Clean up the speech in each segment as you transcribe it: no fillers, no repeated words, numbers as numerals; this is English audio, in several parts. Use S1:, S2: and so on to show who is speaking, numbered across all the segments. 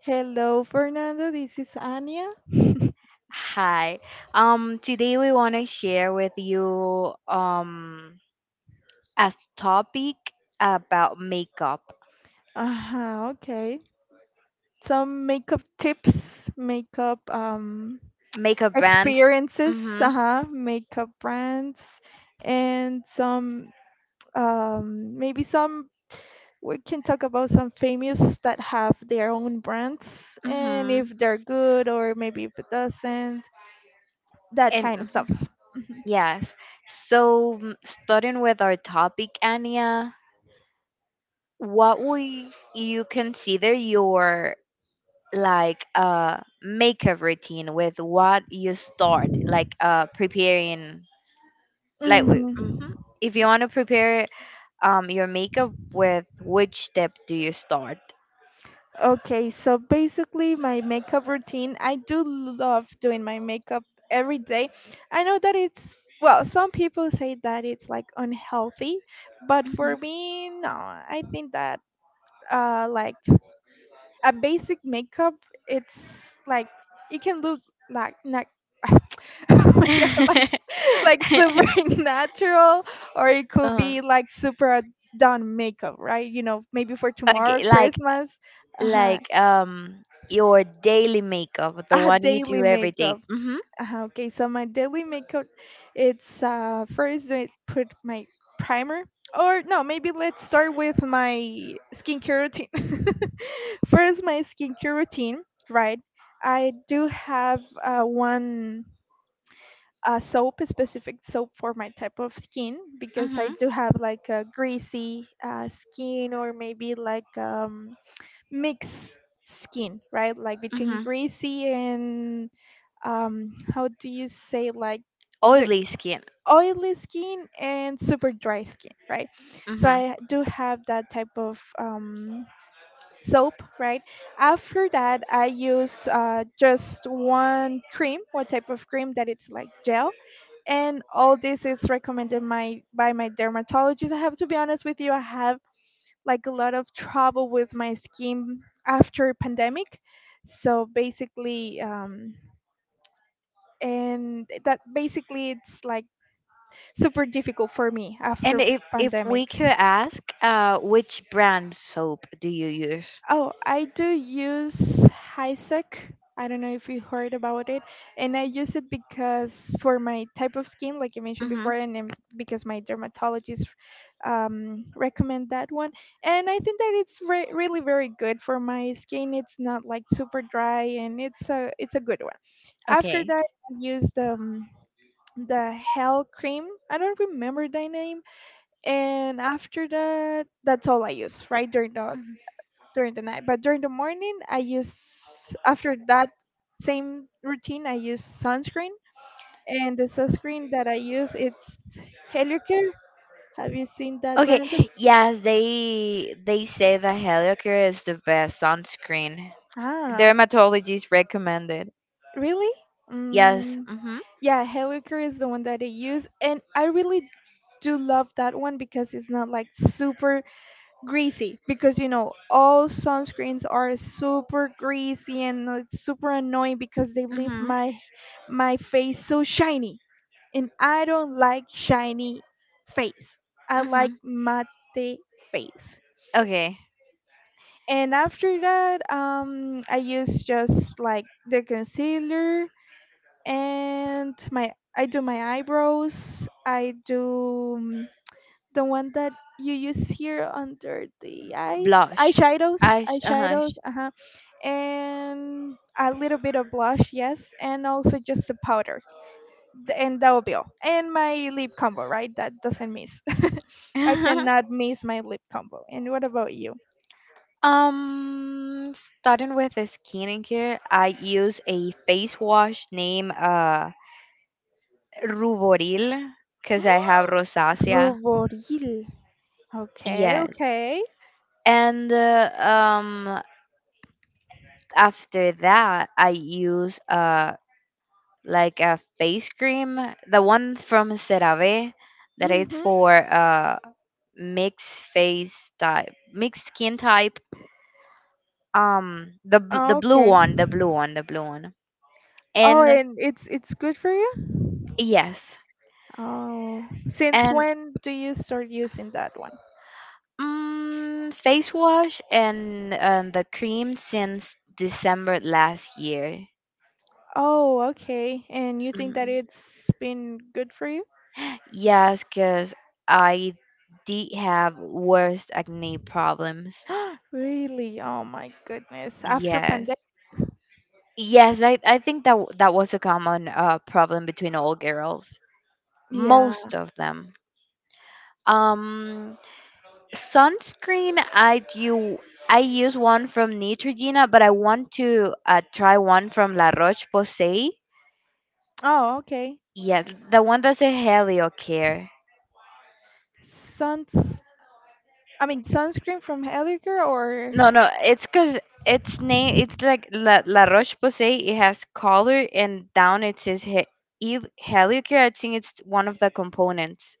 S1: Hello, Fernando. This is Anya.
S2: Hi. Today we want to share with you a topic about makeup.
S1: Uh-huh, okay. Some makeup tips, makeup
S2: Makeup brands.
S1: experiences,
S2: Mhm.
S1: uh-huh, makeup brands, and some maybe some we can talk about some famous that have their own brands and if
S2: Mhm.
S1: they're good or maybe if it doesn't, that
S2: And
S1: kind of stuff.
S2: yes. So, starting with our topic, Anya, what would you consider your, like, makeup routine? With what you start, like, preparing. Like, hmm
S1: hmm
S2: if you want to prepare your makeup, with which step do you start?
S1: Okay, so basically my makeup routine, I do love doing my makeup every day. I know that it's, well, some people say that it's like unhealthy, but for
S2: Mhm.
S1: me, no. I think that like a basic makeup, it's like it can look like not oh my god, like super natural or it could
S2: um,
S1: be like super done makeup, right? You know, maybe for tomorrow,
S2: okay, like
S1: Christmas, uh-huh,
S2: like um your daily makeup, the
S1: a
S2: one you
S1: daily
S2: do every day.
S1: makeup.
S2: Mhm.
S1: Okay, so my daily makeup, it's first I put my primer, or no, maybe let's start with my skincare routine. First, my skincare routine, right? I do have one soap, a specific soap for my type of skin because I
S2: Mhm.
S1: do have like a greasy skin or maybe like mixed skin, right? Like between
S2: Mhm.
S1: greasy and how do you say like the
S2: Oily skin.
S1: oily skin and super dry skin, right? So
S2: Mhm.
S1: I do have that type of soap, right? After that, I use just one cream, one type of cream that it's like gel. And all this is recommended my by my dermatologist. I have to be honest with you, I like a lot of trouble with my skin after pandemic, so basically and that basically it's like super difficult for me
S2: And
S1: after
S2: if
S1: pandemic.
S2: we could ask, which brand soap do you use?
S1: Oh, I do use HiSec. I don't know if you heard about it, and I use it because for my type of skin, like you mentioned before,
S2: Mhm.
S1: and then because my dermatologist recommend that one, and I think that it's really very good for my skin. It's not like super dry, and it's a good one. After
S2: Okay.
S1: that, I used the Hell cream. I don't remember the name, and after that, that's all I use right during the night. But during the morning, I use after that same routine, I use sunscreen, and the sunscreen that I use it's Helicare. Have you seen that
S2: Okay,
S1: brand?
S2: yes, they say that Heliocare is the best sunscreen.
S1: Ah,
S2: Dermatologist recommended.
S1: really?
S2: Yes.
S1: Mm,
S2: Mhm.
S1: yeah, Helicare is the one that I use, and I really do love that one because it's not like super greasy because you know all sunscreens are super greasy and it's super annoying because they leave
S2: Mhm.
S1: my my face so shiny. And I don't like shiny face. I like
S2: Mhm.
S1: matte face.
S2: Okay.
S1: And after that, I use just like the concealer and my I do my eyebrows. I do the one that you use here under the eyes,
S2: Blush.
S1: eyeshadows,
S2: Eyes. Uh huh.
S1: eyeshadows. Uh huh. And a little bit of blush, yes, and also just the powder. And that will be all. And my lip combo, right? That doesn't miss. I cannot miss my lip combo. And what about you?
S2: Starting with the skincare, I use a face wash named Ruvoril because I have rosacea.
S1: Ruboril. Okay,
S2: Yes,
S1: okay.
S2: and after that I use like a face cream, the one from CeraVe that is
S1: Mhm.
S2: for mixed face type, mixed skin type. The blue
S1: Okay.
S2: one,
S1: Oh,
S2: and
S1: and it's good for you?
S2: yes.
S1: Oh. Since
S2: And
S1: when do you start using that one?
S2: face wash and the cream since December last year.
S1: Oh, okay. And you think that
S2: Mm.
S1: it's been good for you?
S2: Yes, cause I did have worst acne problems.
S1: Really? Oh my goodness. After
S2: Yes.
S1: pandemic?
S2: Yes, I think that that was a common problem between all girls.
S1: Yeah.
S2: Most of them. Um, Sunscreen. I do. I use one from Neutrogena, but I want to try one from La Roche Posay.
S1: Oh, okay.
S2: Yes, the one that's a Heliocare.
S1: Sounds. I mean sunscreen from Heliker or
S2: No, no, it's because its name. It's like La, La Roche Posay. It has color and down. It says E- Heliocare. I think it's one of the components,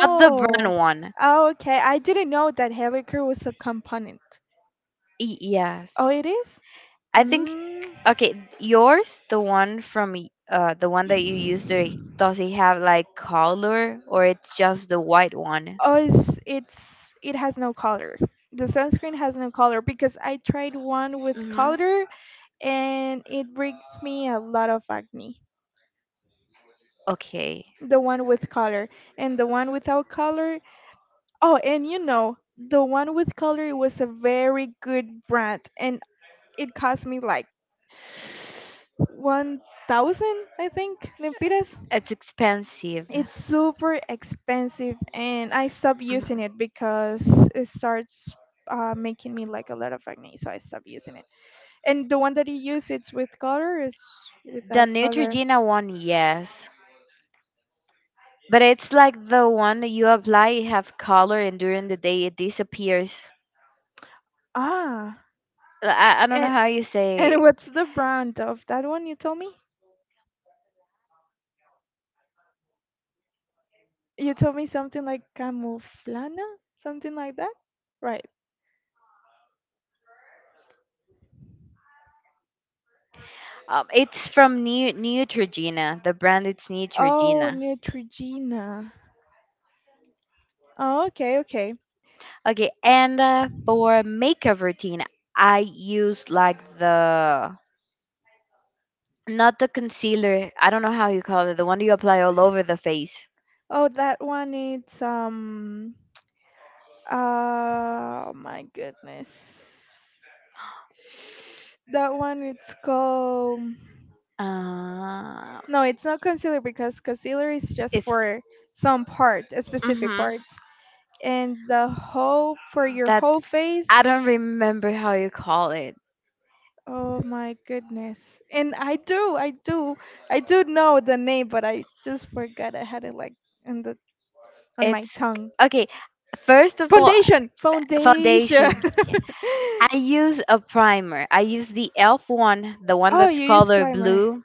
S2: not the brand one.
S1: oh okay. I didn't know that Heliker was a component.
S2: Yes.
S1: Oh, it is.
S2: I think,
S1: Mm.
S2: okay, yours, the one from the one that you used there, does it have like color or it's just the white one?
S1: Oh, it's it has no color. The sunscreen has no color because I tried one with
S2: Hmm.
S1: color and it brings me a lot of acne.
S2: Okay,
S1: The one with color and the one without color. Oh, and you know, the one with color was a very good brand and it cost me like 1,000, I think, lempiras.
S2: it's expensive.
S1: It's super expensive, and I stopped using
S2: Hmm.
S1: it because it starts making me like a lot of acne, so I stopped using it. And the one that you use, it's with color, is
S2: The
S1: without color.
S2: Neutrogena one, yes, but it's like the one that you apply, it have color, and during the day it disappears.
S1: Ah,
S2: I don't know
S1: and
S2: how you
S1: and
S2: say.
S1: what's the brand of that one? You told me. You told me something like Camuflana, something like that, right?
S2: It's from Neutrogena. The brand it's
S1: Oh,
S2: Neutrogena.
S1: Neutrogena. Oh, okay, okay.
S2: Okay, and for makeup routine, I use like the, not the concealer. I don't know how you call it. The one you apply all over the face.
S1: Oh, that one it's oh my goodness. That one it's called
S2: Uh,
S1: no, it's not concealer because concealer is just
S2: it's
S1: for some part, a specific
S2: mm-hmm,
S1: part. And the whole for your
S2: that
S1: whole face.
S2: I don't remember how you call it.
S1: Oh my goodness. And I do. I do know the name, but I just forgot I had it like in the on my
S2: It's
S1: tongue.
S2: okay. First of all,
S1: Foundation, foundation.
S2: foundation. Yeah. I use a primer. I use the Elf one, the one
S1: Oh,
S2: that's
S1: you use
S2: color
S1: primer.
S2: blue.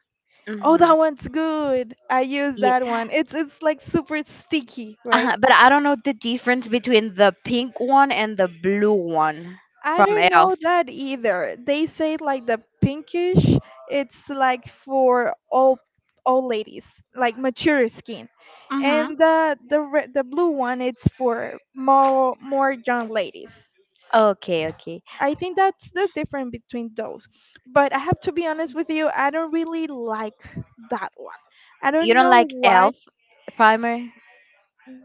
S1: Oh,
S2: Mm-hmm.
S1: that one's good. I use that one. It's like super sticky, right?
S2: But I don't know the difference between the pink one and the blue one
S1: I
S2: from
S1: don't know
S2: Elf.
S1: that either. They say like the pinkish, it's like for all ladies, like mature skin.
S2: Mhm.
S1: And the the blue one, it's for more more young ladies.
S2: Okay, okay.
S1: I think that's the difference between those. But I have to be honest with you, I don't really like that one. I
S2: You
S1: don't
S2: don't
S1: know
S2: like
S1: why.
S2: Elf primer?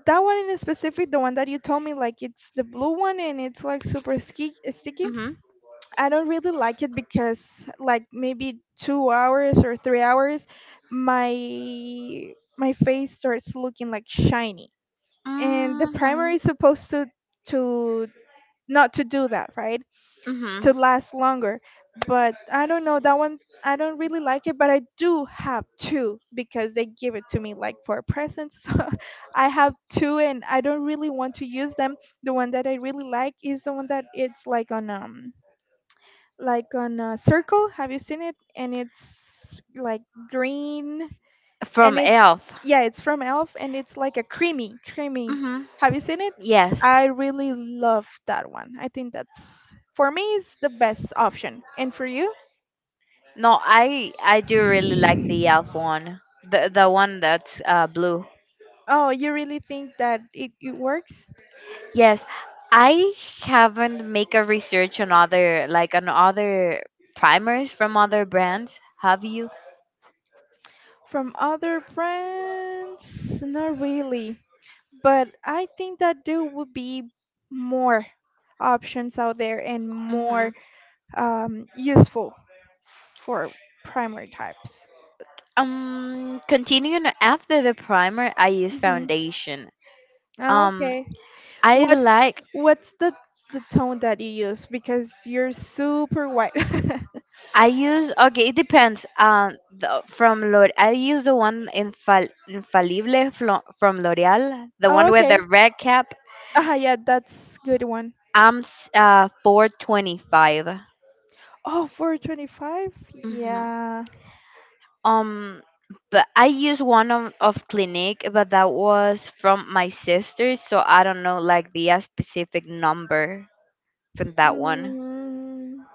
S1: That one in specific, the one that you told me, like it's the blue one and it's like super sticky.
S2: Mhm.
S1: I don't really like it because, like maybe 2 hours or 3 hours, my my face starts looking like shiny. And the primer
S2: Mhm.
S1: is supposed to not to do that, right?
S2: Mhm.
S1: To last longer. But I don't know that one. I don't really like it, but I do have two because they give it to me like for a present. So I have two, and I don't really want to use them. The one that I really like is the one that it's like on a circle. Have you seen it? And it's like green and
S2: From
S1: it's
S2: Elf.
S1: yeah, it's from Elf, and it's like a creamy, creamy.
S2: Mhm.
S1: Have you seen it?
S2: Yes.
S1: I really love that one. I think that's for me is the best option. And for you?
S2: No, I do really like the Elf one. The one that's blue.
S1: Oh, you really think that it works?
S2: Yes. I haven't make a research on other, like on other primers from other brands. Have you?
S1: From other brands? Not really. But I think that there would be more options out there and
S2: Mm-hmm.
S1: more useful for primary types.
S2: Continuing after the primer, I use
S1: hmm
S2: foundation. Um,
S1: Okay.
S2: I
S1: What?
S2: like
S1: What's the tone that you use? Because you're super white.
S2: I use, okay, it depends. The, from L'Oreal, I use the one infallible from L'Oreal, the
S1: Oh,
S2: one with
S1: okay.
S2: the red cap.
S1: Ah, yeah, that's good one.
S2: I'm 425.
S1: Oh, 425.
S2: Mm-hmm.
S1: Yeah.
S2: Um, but I used one of Clinique, but that was from my sister, so I don't know like the specific number from that one.
S1: Mm,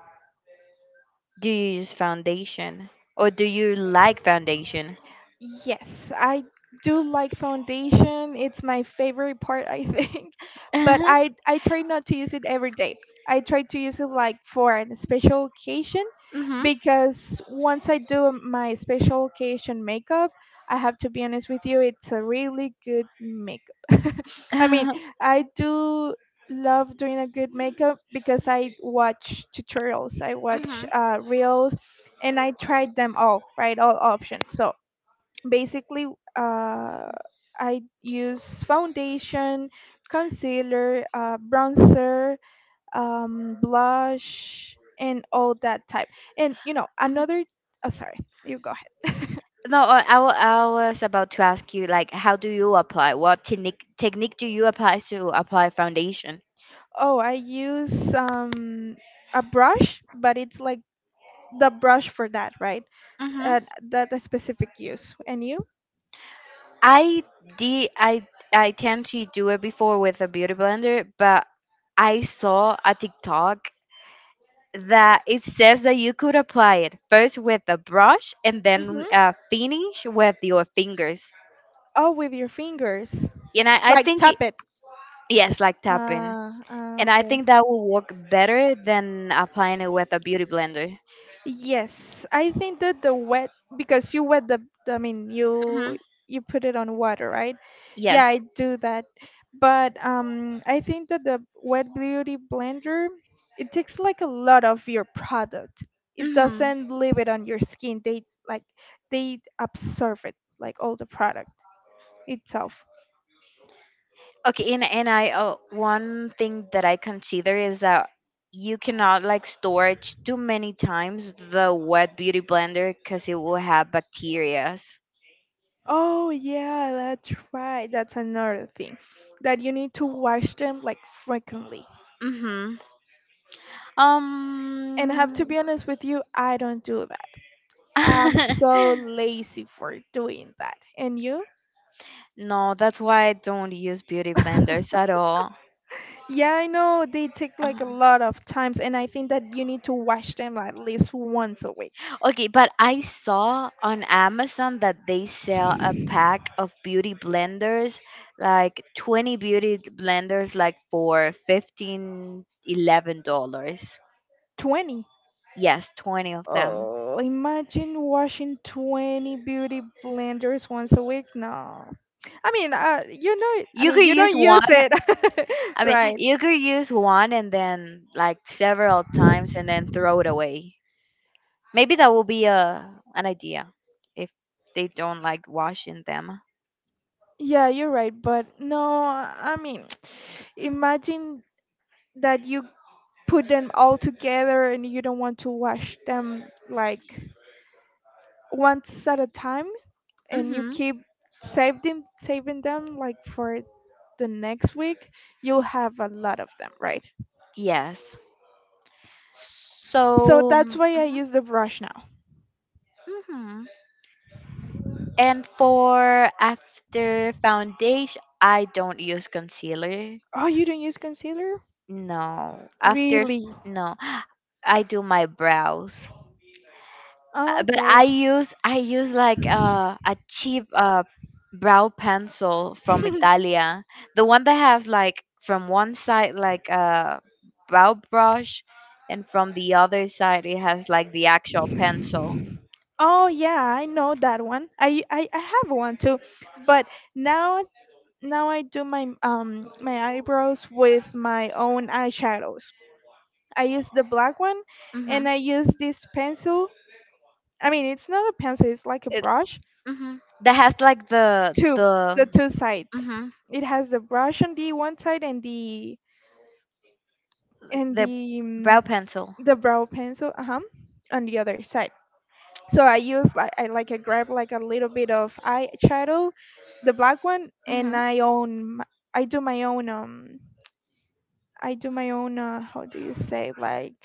S2: Do you use foundation or do you like foundation?
S1: yes, I do like foundation. It's my favorite part, I think. But
S2: Mhm.
S1: I try not to use it every day. I try to use it like for a special occasion because once I do my special occasion makeup, I have to be honest with you, it's a really good makeup. I mean,
S2: Mhm.
S1: I do love doing a good makeup because I watch tutorials, I watch
S2: Mhm.
S1: reels, and I tried them all, right? All options. So basically, uh, I use foundation, concealer, bronzer blush, and all that type. And you know, another. Oh, sorry. You go ahead.
S2: No, I was about to ask you, like, how do you apply? What technique do you apply to apply foundation?
S1: Oh, I use a brush, but it's like the brush for that, right?
S2: Mhm.
S1: Uh, that a specific use. And you?
S2: I did I tend to do it before with a beauty blender, but I saw a TikTok that it says that you could apply it first with a brush and then
S1: Mm-hmm.
S2: finish with your fingers.
S1: Oh, with your fingers,
S2: And I, I
S1: like
S2: think
S1: tap it.
S2: yes, like tapping.
S1: Ah, ah,
S2: And I think
S1: okay.
S2: that will work better than applying it with a beauty blender.
S1: Yes, I think that the wet because you wet the I mean
S2: Hmm.
S1: you you put it on water, right? Yeah,
S2: Yes.
S1: I do that. But I think that the wet beauty blender it takes like a lot of your product. It
S2: Hmm.
S1: doesn't leave it on your skin. They like they absorb it like all the product itself.
S2: Okay. And I one thing that I consider is that you cannot like storage too many times the wet beauty blender because it will have bacterias.
S1: Oh yeah, that's right. That's another thing that you need to wash them like frequently.
S2: Mm-hmm.
S1: And I have to
S2: Um.
S1: be honest with you, I don't do I'm so lazy for doing that. And you?
S2: No, that's why I don't use beauty blenders at all.
S1: Yeah, I know they take like a lot of times, and I think that you need to wash them at least once a week.
S2: Okay, but I saw on Amazon that they sell a pack of beauty blenders, like 20 beauty blenders, like for $15.11.
S1: 20.
S2: Yes, 20 of them.
S1: Oh, imagine washing 20 beauty blenders once a week. No. I mean, you know, it- I
S2: You could
S1: mean, you
S2: use
S1: don't use
S2: one.
S1: it.
S2: I mean,
S1: Right.
S2: you could use one and then like several times and then throw it away. Maybe that will be a an idea if they don't like washing them.
S1: Yeah, you're right. But no, I mean, imagine that you put them all together and you don't want to wash them like once at a time, and you
S2: Mhm.
S1: keep saving them like for the next week. You'll have a lot of them, right?
S2: Yes.
S1: So
S2: So,
S1: that's
S2: mhm.
S1: why I use the brush now.
S2: Mhm. And for after foundation, I don't use concealer.
S1: Oh, you don't use concealer?
S2: No. After,
S1: Really?
S2: no, I do my brows.
S1: Oh,
S2: But
S1: okay.
S2: I use like a cheap brow pencil from Italia. The one that have like, from one side, like a brow brush, and from the other side it has like the actual pencil.
S1: Oh yeah, I know that one. I have one too, but now now I do my my eyebrows with my own eyeshadows. I use the black one, and
S2: Mhm.
S1: I use this pencil. I mean, it's not a pencil, it's like a
S2: It.
S1: brush.
S2: Mhm. That has like
S1: Two,
S2: the.
S1: the two sides.
S2: Mhm.
S1: It has the brush on the one side, and the
S2: Like
S1: and
S2: the
S1: the
S2: brow
S1: um,
S2: pencil.
S1: the brow pencil, uh-huh, on the other side. So I use like, I grab like a little bit of eyeshadow, the black one, and
S2: Mm-hmm.
S1: I do my own how do you say, like,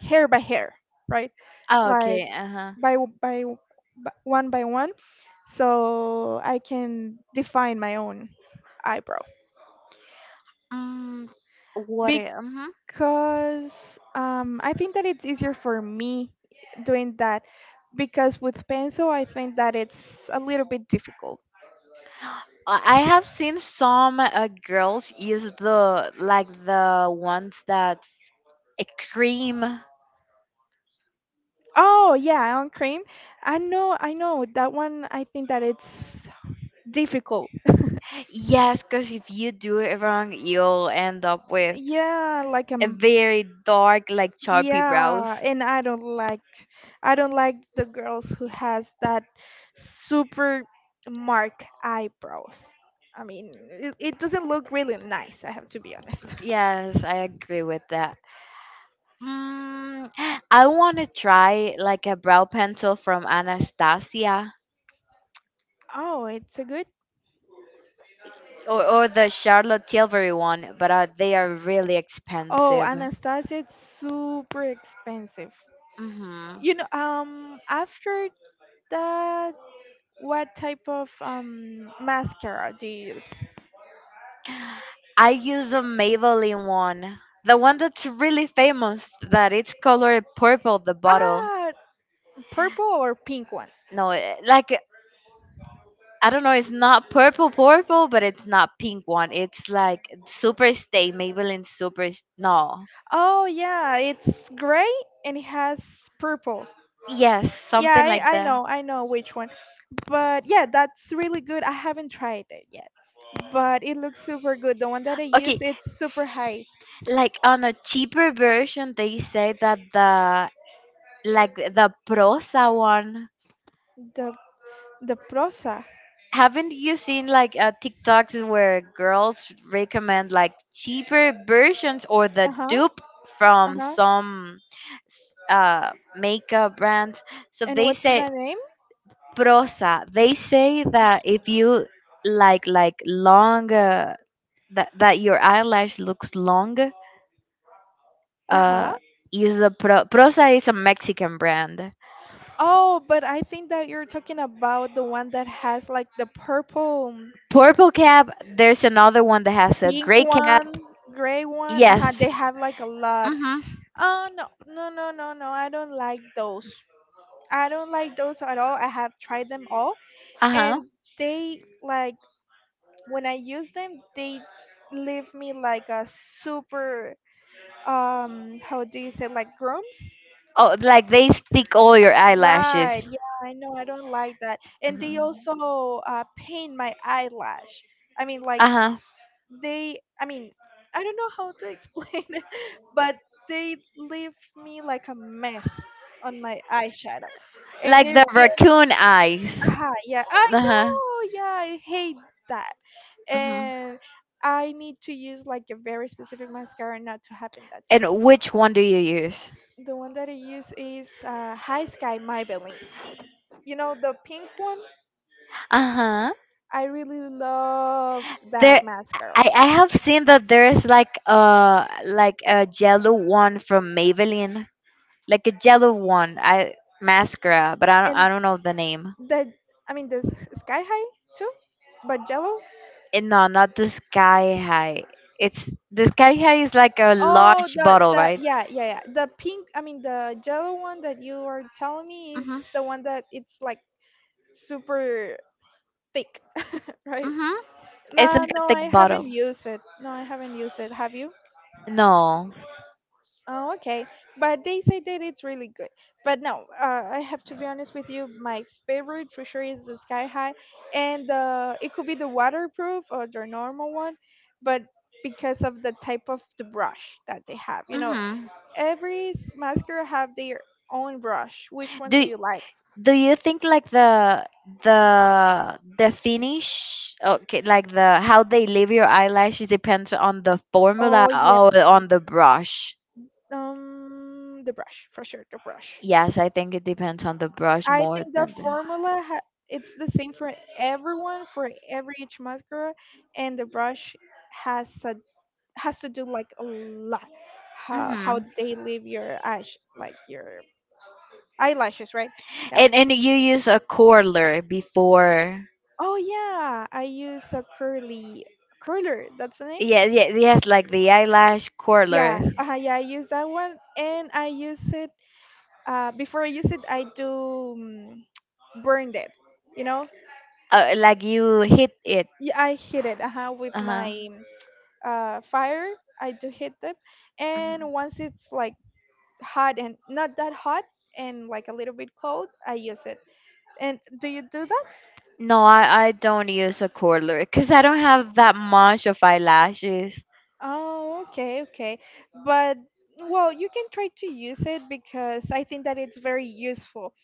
S1: hair by hair, right?
S2: Oh,
S1: Like,
S2: okay. Uh huh.
S1: by w- by w- one by one, so I can define my own eyebrow,
S2: Mm, what?
S1: because
S2: Mm-hmm.
S1: I think that it's easier for me doing that, because with pencil I think that it's a little bit difficult.
S2: I have seen some girls use the, like the ones that's a cream.
S1: Oh yeah, on cream. I know that one. I think that it's difficult.
S2: Yes, because if you do it wrong, you'll end up with
S1: Yeah, like,
S2: a very dark, like choppy
S1: yeah,
S2: brows.
S1: and I don't like the girls who has that super mark eyebrows. I mean, it doesn't look really nice. I have to be honest.
S2: Yes, I agree with that. Mm, I want to try like a brow pencil from Anastasia,
S1: Oh, it's a good.
S2: or the Charlotte Tilbury one, but they are really
S1: Oh,
S2: expensive.
S1: Anastasia, it's super expensive.
S2: Hmm.
S1: You know, after that, what type of mascara do you use?
S2: I use a Maybelline one, the one that's really famous, that it's colored purple, the bottle.
S1: Ah, purple or pink one?
S2: No, eh, like, I don't know, it's not purple purple, but it's not pink one. It's like SuperStay Maybelline Super. No,
S1: Oh yeah, it's gray and it has purple.
S2: yes,
S1: Yeah,
S2: something like that.
S1: I know which one. But yeah, that's really good. I haven't tried it yet, but it looks super good. The one that I use,
S2: Okay,
S1: it's super high.
S2: like on a cheaper version, they say that the, like the Prosa one.
S1: The the Prosa.
S2: Haven't you seen like TikToks where girls recommend like cheaper versions or
S1: Uh
S2: the
S1: huh.
S2: dupe
S1: Uh
S2: from
S1: huh.
S2: some s- uh, makeup brands? So
S1: And
S2: they
S1: what's
S2: say
S1: the name?
S2: prosa. They say that if you like long, that that your eyelash looks long,
S1: Uh huh.
S2: uh, use a prosa is a Mexican brand.
S1: Oh, but I think that you're talking about the one that has like the purple,
S2: Purple cap. There's another one that has a
S1: pink
S2: gray cap.
S1: one, gray one. Uh-huh,
S2: Yes.
S1: they have like a lot.
S2: Mhm.
S1: Oh, no, no, no, no, no. I don't like those. I don't like those at all. I have tried them all,
S2: Uh.
S1: and they like, when I use them, they leave me like a super, how do you say, like, grooms?
S2: Oh, like they stick all your
S1: Right.
S2: eyelashes.
S1: Yeah, I know. I don't like that. And they
S2: Uh
S1: also paint my eyelash. I mean, like
S2: huh.
S1: they. I mean, I don't know how to explain it, but they leave me like a mess on my eyeshadow. And
S2: Like
S1: they're
S2: the
S1: being,
S2: raccoon eyes.
S1: aha, yeah, I
S2: Uh huh.
S1: know. Yeah, I hate that.
S2: Hmm.
S1: And I need to use like a very specific mascara not to happen that to me.
S2: And which one do you use?
S1: The one that I use is High Sky Maybelline. You know the pink one?
S2: Uh huh.
S1: I really love that
S2: There,
S1: mascara.
S2: I have seen that there is like a yellow one from Maybelline, like a yellow one. I Mascara, but I don't
S1: And
S2: I don't know the name.
S1: the, I mean, Sky High too, but yellow.
S2: Eh, no, not the sky high. It's the sky high is like a
S1: Oh,
S2: large
S1: the
S2: bottle,
S1: the
S2: right?
S1: yeah, yeah, yeah, the pink. I mean, the yellow one that you are telling me is
S2: Mhm.
S1: the one that it's like super thick, right?
S2: Mhm. It's
S1: No,
S2: like a
S1: no, I
S2: thick bottle.
S1: haven't used it. No, I haven't used it. Have you?
S2: No.
S1: Oh, okay. But they say that it's really good. But no, I have to be honest with you. My favorite for sure is the Sky High, and it could be the waterproof or the normal one, but because of the type of the brush that they have,
S2: Mm-hmm.
S1: every mascara have their own brush. Which one do
S2: Do
S1: you like?
S2: do you think, like, the finish, okay, like, the how they leave your eyelashes depends on the formula
S1: Oh yeah,
S2: or on the brush?
S1: the brush for sure, the brush.
S2: Yes, I think it depends on the brush
S1: I
S2: more
S1: think the
S2: than the.
S1: formula it's the same for everyone, for every each mascara, and the brush has a, has to do like a lot how
S2: Mm-hmm.
S1: they leave your eyes, like your eyelashes, right? Yeah.
S2: And you use a curler before.
S1: Oh yeah, I use a curly curler. That's the name.
S2: Yes, yes, yes, like the eyelash
S1: Yeah.
S2: curler.
S1: Yeah. I use that one, and I use it. Before I use it, I do um, burned it. You know.
S2: Like you hit it.
S1: Yeah, I hit it. Uh huh. With
S2: Uh-huh.
S1: my fire, I do heat them.
S2: Mhm.
S1: And once it's like hot and not that hot and like a little bit cold, I use it. And do you do that?
S2: No, I don't use a curler because I don't have that much of eyelashes.
S1: Oh, okay, okay. But well, you can try to use it because I think that it's very useful.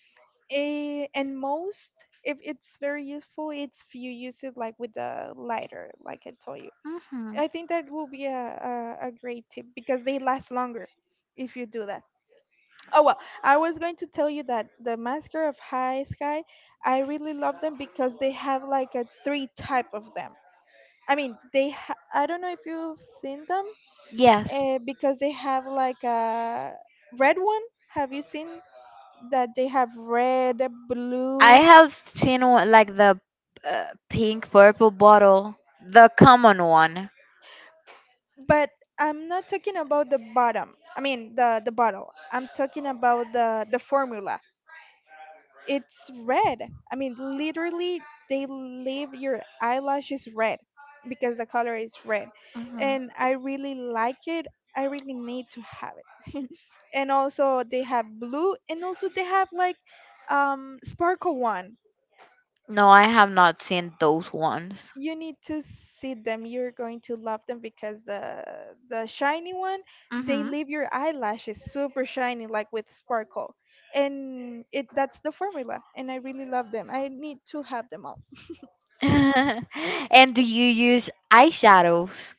S1: And most, if it's very useful, it's if you use it like with the lighter, like I told you.
S2: Mm-hmm.
S1: I think that will be a great tip because they last longer if you do that. Oh well, I was going to tell you that the Masker of High Sky, I really love them because they have like a three type of them. I mean, I don't know if you've seen them,
S2: Yes.
S1: because they have like a red one. Have you seen that they have red,
S2: I
S1: blue?
S2: have seen one, like the pink purple bottle, the common one.
S1: But I'm not talking about the bottom. I mean the bottle. I'm talking about the formula. It's red. I mean, literally, they leave your eyelashes red because the color is red.
S2: Hmm.
S1: And I really like it. I really need to have it. And also, they have blue, and also, they have like sparkle one.
S2: No, I have not seen those ones.
S1: You need to see them. You're going to love them because the shiny one, they
S2: Hmm.
S1: leave your eyelashes super shiny, like with sparkle, and it that's the formula. And I really love them, I need to have them all.
S2: And do you use eyeshadows?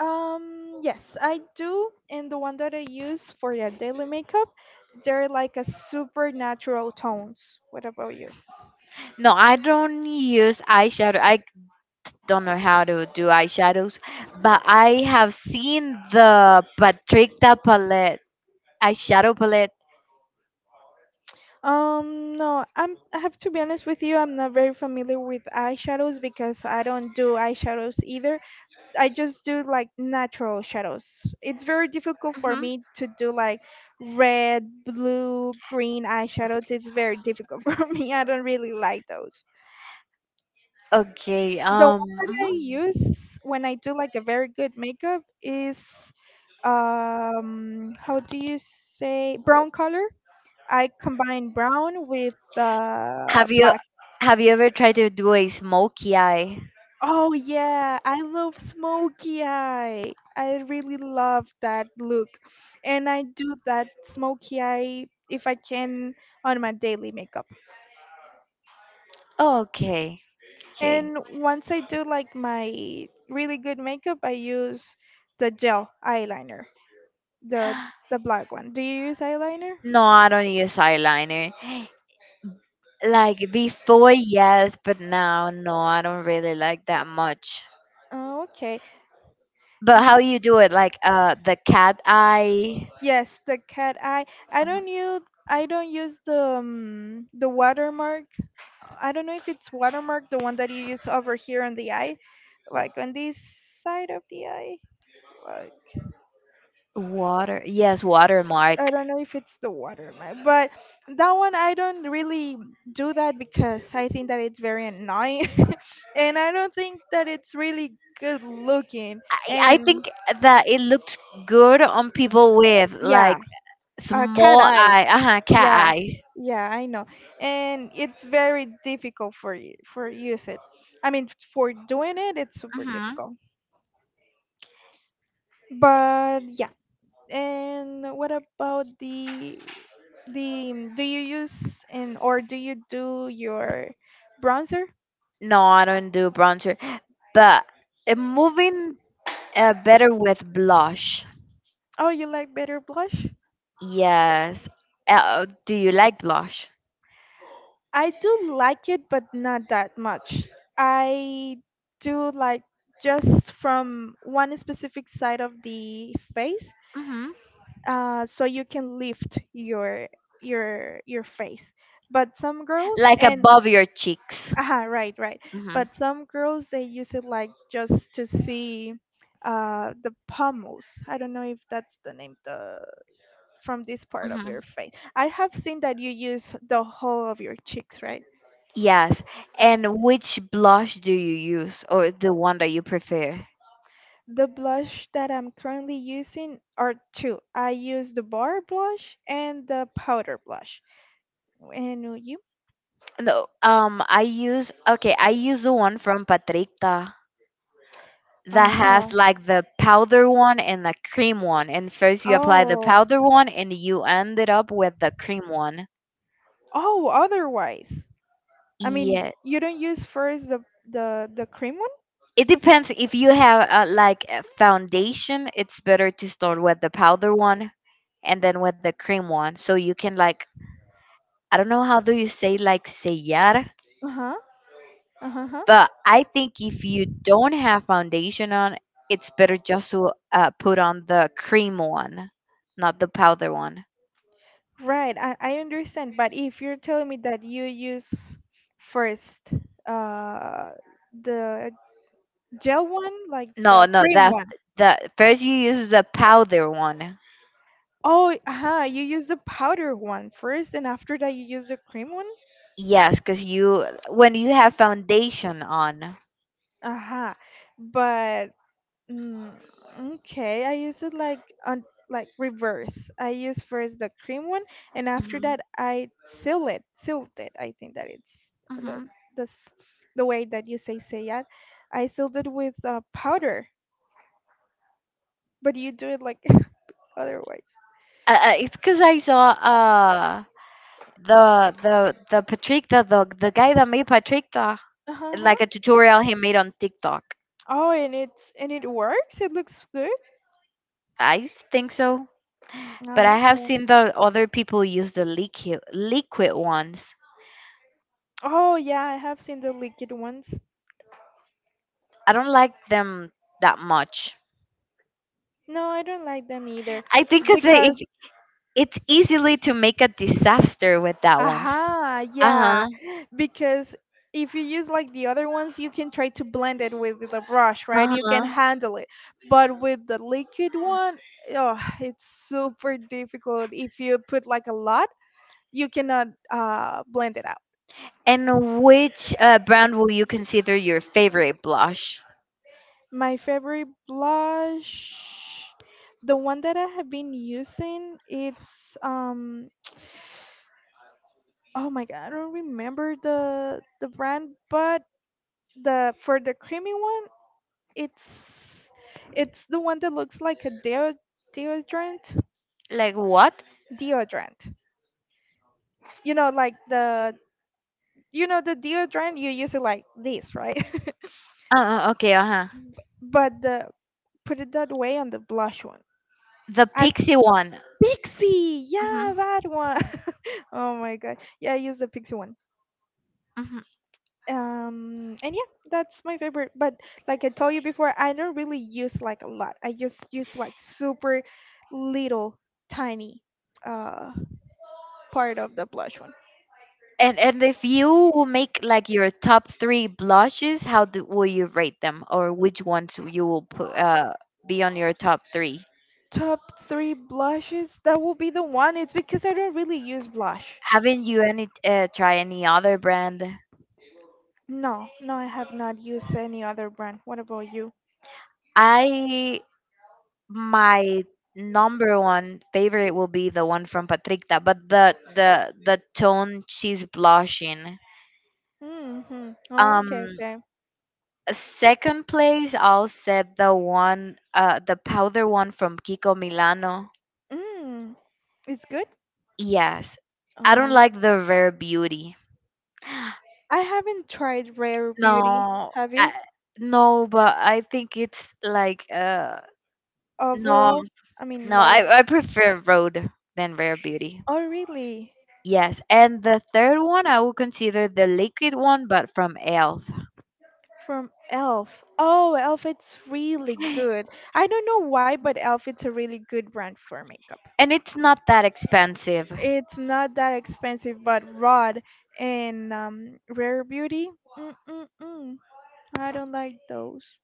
S1: Yes, I do. And the one that I use for the daily makeup, they're like a supernatural tones. What about you?
S2: No, I don't use eyeshadow. I don't know how to do eyeshadows, but I have seen the Patricta palette, eyeshadow palette.
S1: No, I have to be honest with you, I'm not very familiar with eyeshadows because I don't do eyeshadows either. I just do like natural shadows. It's very difficult for
S2: Hmm.
S1: me to do like red, blue, green eyeshadows. It's very difficult for me. I don't really like those.
S2: Okay.
S1: The one that I
S2: Mhm.
S1: use when I do like a very good makeup is, how do you say, brown color? I combine brown with
S2: Have you
S1: black.
S2: have you ever tried to do a smoky eye?
S1: Oh yeah, I love smoky eye. I really love that look. And I do that smoky eye if I can on my daily makeup.
S2: Oh, okay. Okay.
S1: And once I do like my really good makeup, I use the gel eyeliner. The the black one. Do you use eyeliner?
S2: No, I don't use eyeliner. Like before, yes, but now, no, I don't really like that much.
S1: Oh, okay.
S2: But
S1: Y-
S2: how you do it? Like the cat eye,
S1: yes, the cat eye. I don't use I don't use the watermark. I don't know if it's watermark, the one that you use over here on the eye, like on this side of the eye. Like,
S2: water, yes,
S1: I
S2: watermark.
S1: don't know if it's the watermark, but that one I don't really do that because I think that it's very annoying, and I don't think that it's really good looking.
S2: I, I
S1: And
S2: think that it looked good on people with like
S1: yeah, a cat
S2: small
S1: eye.
S2: eye, uh-huh, cat
S1: Yeah,
S2: eye.
S1: yeah, I know. And it's very difficult for you for use it. I mean, for doing it, it's super
S2: Hmm.
S1: difficult. But yeah. And what about the, do you use, and or do you do your bronzer?
S2: No, I don't do bronzer, but moving better with blush.
S1: Oh, you like better blush?
S2: Yes. Do you like blush?
S1: I do like it, but not that much. I do like just from one specific side of the face,
S2: Hmm.
S1: so you can lift your your face. But some girls,
S2: Like
S1: and
S2: above your cheeks.
S1: aha, right, right.
S2: Hmm.
S1: But some girls, they use it like just to see the pommels. I don't know if that's the name, the from this part of your
S2: Hmm.
S1: face. I have seen that you use the whole of your cheeks, right?
S2: Yes. And which blush do you use, or the one that you prefer?
S1: The blush that I'm currently using are two. I use the bar blush and the powder blush. And you?
S2: No, I use okay. I use the one from Patricta that
S1: Uh-huh.
S2: has like the powder one and the cream one. And first you apply the
S1: Oh,
S2: powder one and you ended up with the cream one.
S1: Oh, otherwise. I mean,
S2: Yeah.
S1: you don't use first the cream
S2: It depends. If you have like a foundation, it's better to start with the powder one and then with the cream one. So you can like, I don't know how do you say, like, sellar,
S1: one? Uh-huh. Uh-huh.
S2: but I think if you don't have foundation on, it's better just to put on the cream one, not the powder one.
S1: Right. I understand, but if you're telling me that you use first, uh the gel one, like
S2: No,
S1: the
S2: no,
S1: cream
S2: that
S1: one.
S2: that first you use the powder one.
S1: Oh, uh-huh, you use the powder one first, and after that you use the cream one?
S2: Yes, because you, when you have foundation on.
S1: Uh-huh. But mm, okay, I use it like on, like, reverse. I use first the cream one, and after
S2: Hmm.
S1: that I seal it, silt it. I think that it's the
S2: Hmm.
S1: the, s- the way that you say it. I sealed it with powder, but you do it like, otherwise.
S2: It's because I saw the Patricta, the guy that made Patricta,
S1: Uh huh.
S2: like a tutorial he made on TikTok.
S1: Oh, and it works. It looks good.
S2: I think so, but I
S1: Oh,
S2: have
S1: okay.
S2: seen the other people use the liquid ones.
S1: Oh yeah, I have seen the liquid ones.
S2: I don't like them that much.
S1: No, I don't like them either
S2: I think it's a, if
S1: because,
S2: it's easily to make a disaster with that one.
S1: aha, yeah.
S2: Uh-huh,
S1: Because if you use like the other ones, you can try to blend it with the brush, right? You can
S2: uh-huh.
S1: handle it. But with the liquid one, oh, it's super difficult. If you put like a lot, you cannot blend it out.
S2: And which brand will you consider your favorite blush?
S1: My favorite blush, the one that I have been using, it's oh my god, I don't remember the brand, but the for the creamy one. It's it's the one that looks like a deodorant.
S2: Like what?
S1: Deodorant. You know, like the deodorant, you use it like this, right?
S2: Okay, uh-huh.
S1: But the put it that way on the blush one.
S2: The
S1: At
S2: Pixie one.
S1: Pixie,
S2: Mm-hmm,
S1: yeah, that one. Oh my god, yeah, I use the Pixie one.
S2: mm-hmm.
S1: And yeah, that's my favorite. But like I told you before, I don't really use like a lot. I just use like super little, tiny, uh, part of the blush one.
S2: And if you will make like your top three blushes, how do, will you rate them, or which ones you will put, be on your top three?
S1: Top three blushes? That will be the one. It's because I don't really use blush.
S2: Haven't you any try any other brand?
S1: No, no, I have not used any other brand. What about you?
S2: I My number one favorite will be the one from Patricta, but the tone she's blushing.
S1: Mm-hmm. Oh, okay,
S2: Um,
S1: okay.
S2: Second place, I'll set the one, the powder one from Kiko Milano.
S1: Mm, it's good.
S2: Yes, I don't
S1: Um,
S2: like the rare beauty.
S1: I haven't tried Rare Beauty.
S2: No,
S1: Have you?
S2: I, no, but I think it's like no,
S1: Overall, I
S2: no,
S1: mean, like,
S2: I prefer road than rare beauty.
S1: oh, really?
S2: Yes, and the third one I would consider the liquid one, but from Elf.
S1: From Elf. Oh, Elf, it's really good. I don't know why, but Elf, it's a really good brand for makeup.
S2: And it's not that expensive.
S1: It's not that expensive, but rod and rare beauty. Mm-mm-mm. I don't like those.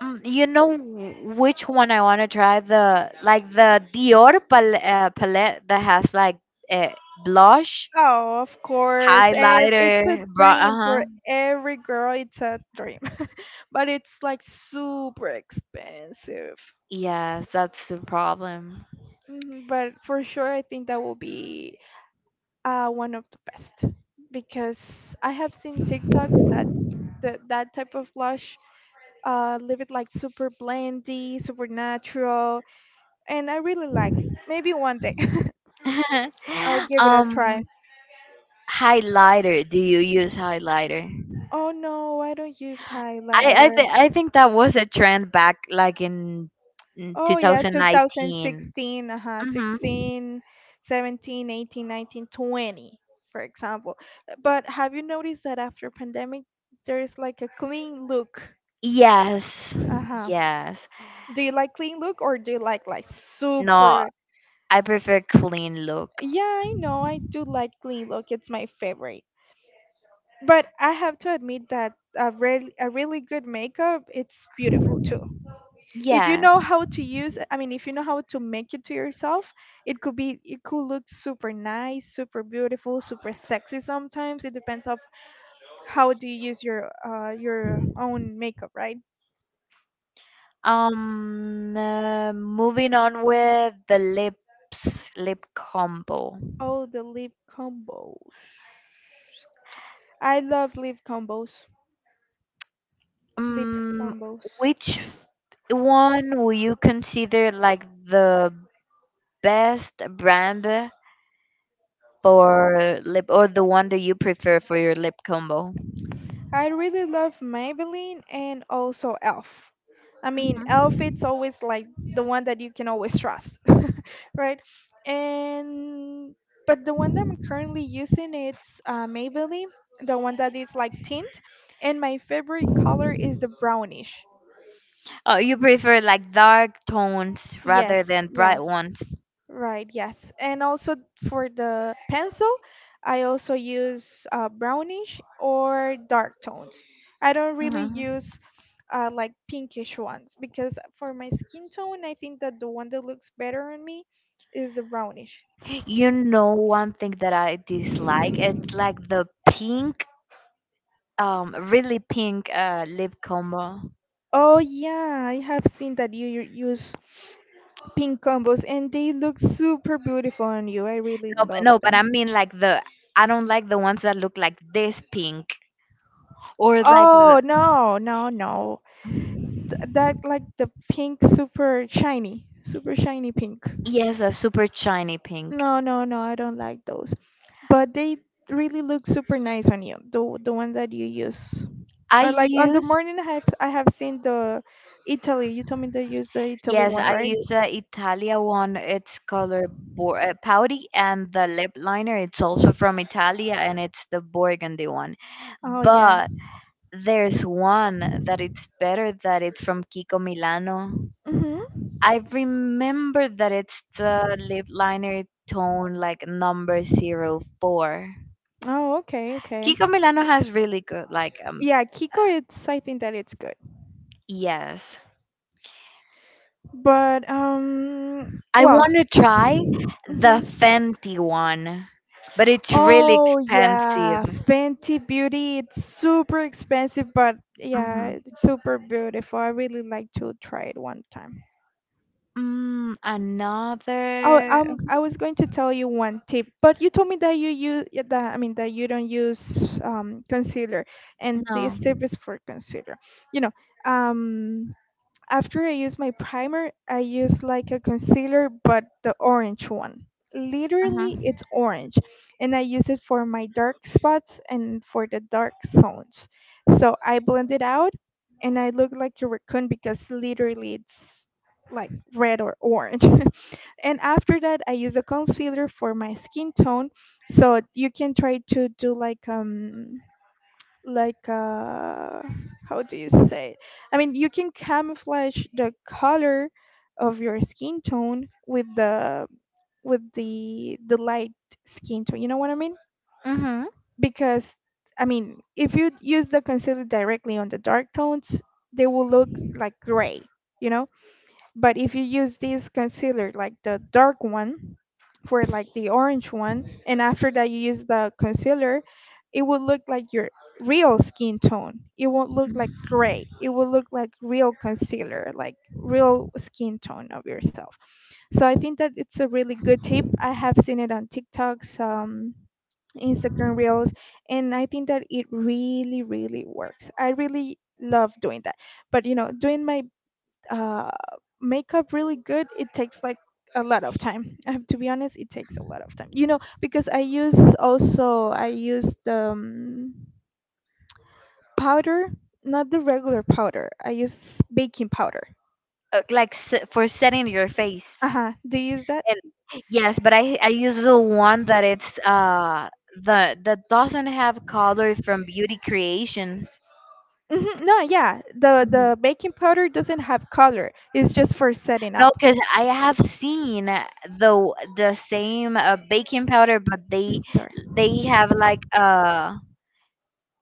S2: Mm, you know which one I want to try? The, like, the Dior palette that has like uh, blush,
S1: Oh, of course. It's a
S2: highlighter, bra. Uh
S1: dream
S2: huh.
S1: for every girl. It's a dream, but it's like super expensive.
S2: Yes, that's the problem.
S1: Mhm. But for sure, I think that will be one of the best because I have seen TikToks that that type of blush leave it like super blendy, super natural, and I really like. Maybe one day I'll give it a try.
S2: um, Highlighter. Do you use highlighter?
S1: Oh no, I don't use
S2: I I,
S1: highlighter.
S2: th- I think that was a trend back like in
S1: Oh yeah,
S2: 2019.
S1: 2016, uh-huh,
S2: Mm-hmm.
S1: 16, 17, 18, 19, 20, for example. But have you noticed that after pandemic there is like a clean look?
S2: Yes,
S1: Uh-huh.
S2: yes.
S1: Do you like clean look or do you like
S2: No,
S1: super?
S2: I prefer clean look.
S1: Yeah, I know. I do like clean look. It's my favorite. But I have to admit that a really good makeup, it's beautiful too. If you
S2: Yes.
S1: know how to use, I mean, if you know how to make it to yourself, it could look super nice, super beautiful, super sexy. Sometimes it depends of how do you use your own makeup, right?
S2: Moving on with the lips lip combo.
S1: Oh, the lip combos. I love lip combos. Lip
S2: Um,
S1: combos.
S2: which one will you consider like the best brand for lip, or the one that you prefer for your lip combo?
S1: I really love Maybelline and also Elf. I mean,
S2: Mhm.
S1: Elf it's always like the one that you can always trust, right? And but the one that I'm currently using it's Maybelline, the one that is like tint, and my favorite color is the brownish.
S2: Oh, you prefer like dark tones rather
S1: Yes,
S2: than
S1: yes.
S2: bright ones.
S1: Right, yes. And also for the pencil, I also use brownish or dark tones. I don't really
S2: Mhm.
S1: use like pinkish ones because for my skin tone, I think that the one that looks better on me is the brownish.
S2: You know one thing that I dislike? It's like the pink, really pink lip combo.
S1: Oh yeah, I have seen that you use pink combos and they look super beautiful on you. I really
S2: No, but,
S1: love
S2: no, but I
S1: them.
S2: mean like the, I don't like the ones that look like this pink or like the.
S1: Oh, no, no, no. That like the pink, super shiny pink.
S2: Yes, a super shiny pink.
S1: No, no, no, I don't like those. But they really look super nice on you. The ones that you use.
S2: I
S1: Or like on the
S2: use
S1: morning, I have seen the Italy. You told me they use the Italy
S2: Yes,
S1: one,
S2: I
S1: right?
S2: use the Italia one. It's color powdy, and the lip liner. It's also from Italia, and it's the burgundy one.
S1: Oh yeah.
S2: But there's one that it's better, that it's from Kiko Milano.
S1: Mhm.
S2: I remember that it's the lip liner tone, like number 04.
S1: Oh, okay, okay.
S2: Kiko Milano has really good like, um,
S1: Yeah, Kiko. It's I think that it's good.
S2: yes.
S1: But
S2: I
S1: well.
S2: want to try the
S1: Mhm.
S2: Fenty one, but it's really
S1: Oh
S2: expensive.
S1: yeah, Fenty Beauty. It's super expensive, but yeah,
S2: Mhm.
S1: it's super beautiful. I really like to try it one time.
S2: Mm,
S1: Oh,
S2: another
S1: I was going to tell you one tip, but you told me that you use that. I mean that you don't use concealer, and
S2: no.
S1: this tip is for concealer. You know, um, after I use my primer, I use like a concealer, but the orange one. Literally,
S2: Mhm.
S1: it's orange. And I use it for my dark spots and for the dark zones. So I blend it out and I look like a raccoon because literally it's like red or orange. And after that, I use a concealer for my skin tone. So you can try to do like like uh how do you say it? I mean you can camouflage the color of your skin tone with the light skin tone, you know what I mean?
S2: Mhm.
S1: Because I mean if you use the concealer directly on the dark tones they will look like gray, you know, but if you use this concealer, like the dark one, for like the orange one, and after that you use the concealer, it will look like your real skin tone. It won't look like gray. It will look like real concealer, like real skin tone of yourself. So I think that it's a really good tip. I have seen it on TikToks, Instagram Reels, and I think that really works. I really love doing that. But you know, doing my uh, makeup really good, it takes like a lot of time. I have to be honest, it takes a lot of time. You know, because I use the powder, not the regular powder. I use baking powder.
S2: Like, for setting your face.
S1: Uh huh. Do you use that?
S2: And yes, but I use the one that it's the that doesn't have color, from Beauty Creations.
S1: No, yeah. The
S2: Mhm.
S1: the baking powder doesn't have color. It's just for setting
S2: No,
S1: up.
S2: because I have seen the same baking powder, but
S1: Mm. Sorry.
S2: they have like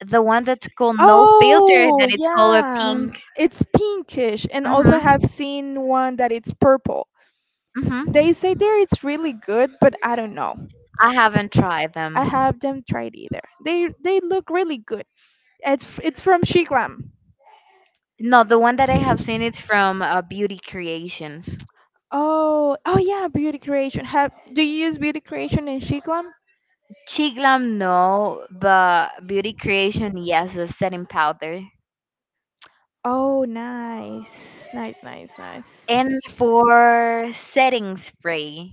S2: the one that's called No Filter,
S1: Oh
S2: that it's color
S1: yeah,
S2: pink.
S1: it's pinkish, and also I have
S2: Mhm,
S1: seen one that it's purple. They
S2: mhm.
S1: say there it's really good, but I don't know.
S2: I haven't tried
S1: I
S2: them.
S1: have them tried either. They look really good. It's from Shiglam.
S2: No, the one that I have seen it's from Beauty Creations.
S1: Oh, oh yeah, beauty creation. Have Do you use beauty creation in Shiglam?
S2: Chiglam, no, but Beauty Creation, yes, the setting powder.
S1: Oh nice, nice.
S2: And for setting spray,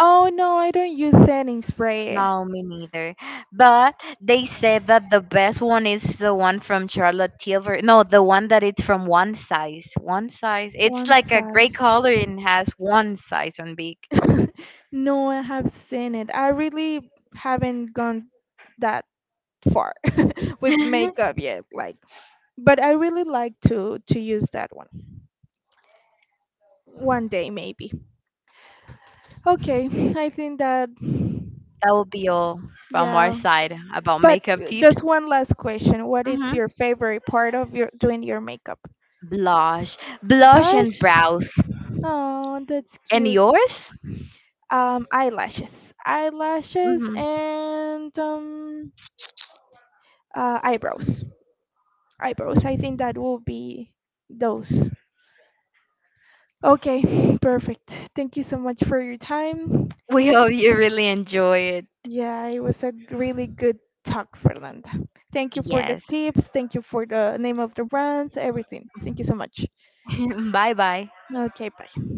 S1: Oh no, I don't use setting spray.
S2: no, me neither. But they said that the best one is the one from Charlotte Tilbury. No, the one that it's from One Size. One Size. It's
S1: One
S2: like a gray
S1: size.
S2: color and has One Size on big.
S1: No, I have seen it. I really haven't gone that far with
S2: That
S1: makeup yet. Like, but I really like to use that one. One day maybe. Okay. I think that,
S2: will be all from our
S1: yeah,
S2: side about
S1: but
S2: makeup tips.
S1: just one last question, what is
S2: Hmm.
S1: your favorite part of your doing your makeup?
S2: Blush. Blush and
S1: Blush.
S2: brows.
S1: Oh, that's
S2: And
S1: cute.
S2: yours?
S1: Eyelashes, eyelashes,
S2: Hmm.
S1: and eyebrows. I think that will be those. Okay. Perfect, thank you so much for your time.
S2: We hope you really enjoy it.
S1: Yeah, it was really good talk, Fernanda. Thank you for the
S2: Yes.
S1: tips. Thank you for the name of the runs, everything. Thank you so much.
S2: Bye bye.
S1: Okay, bye.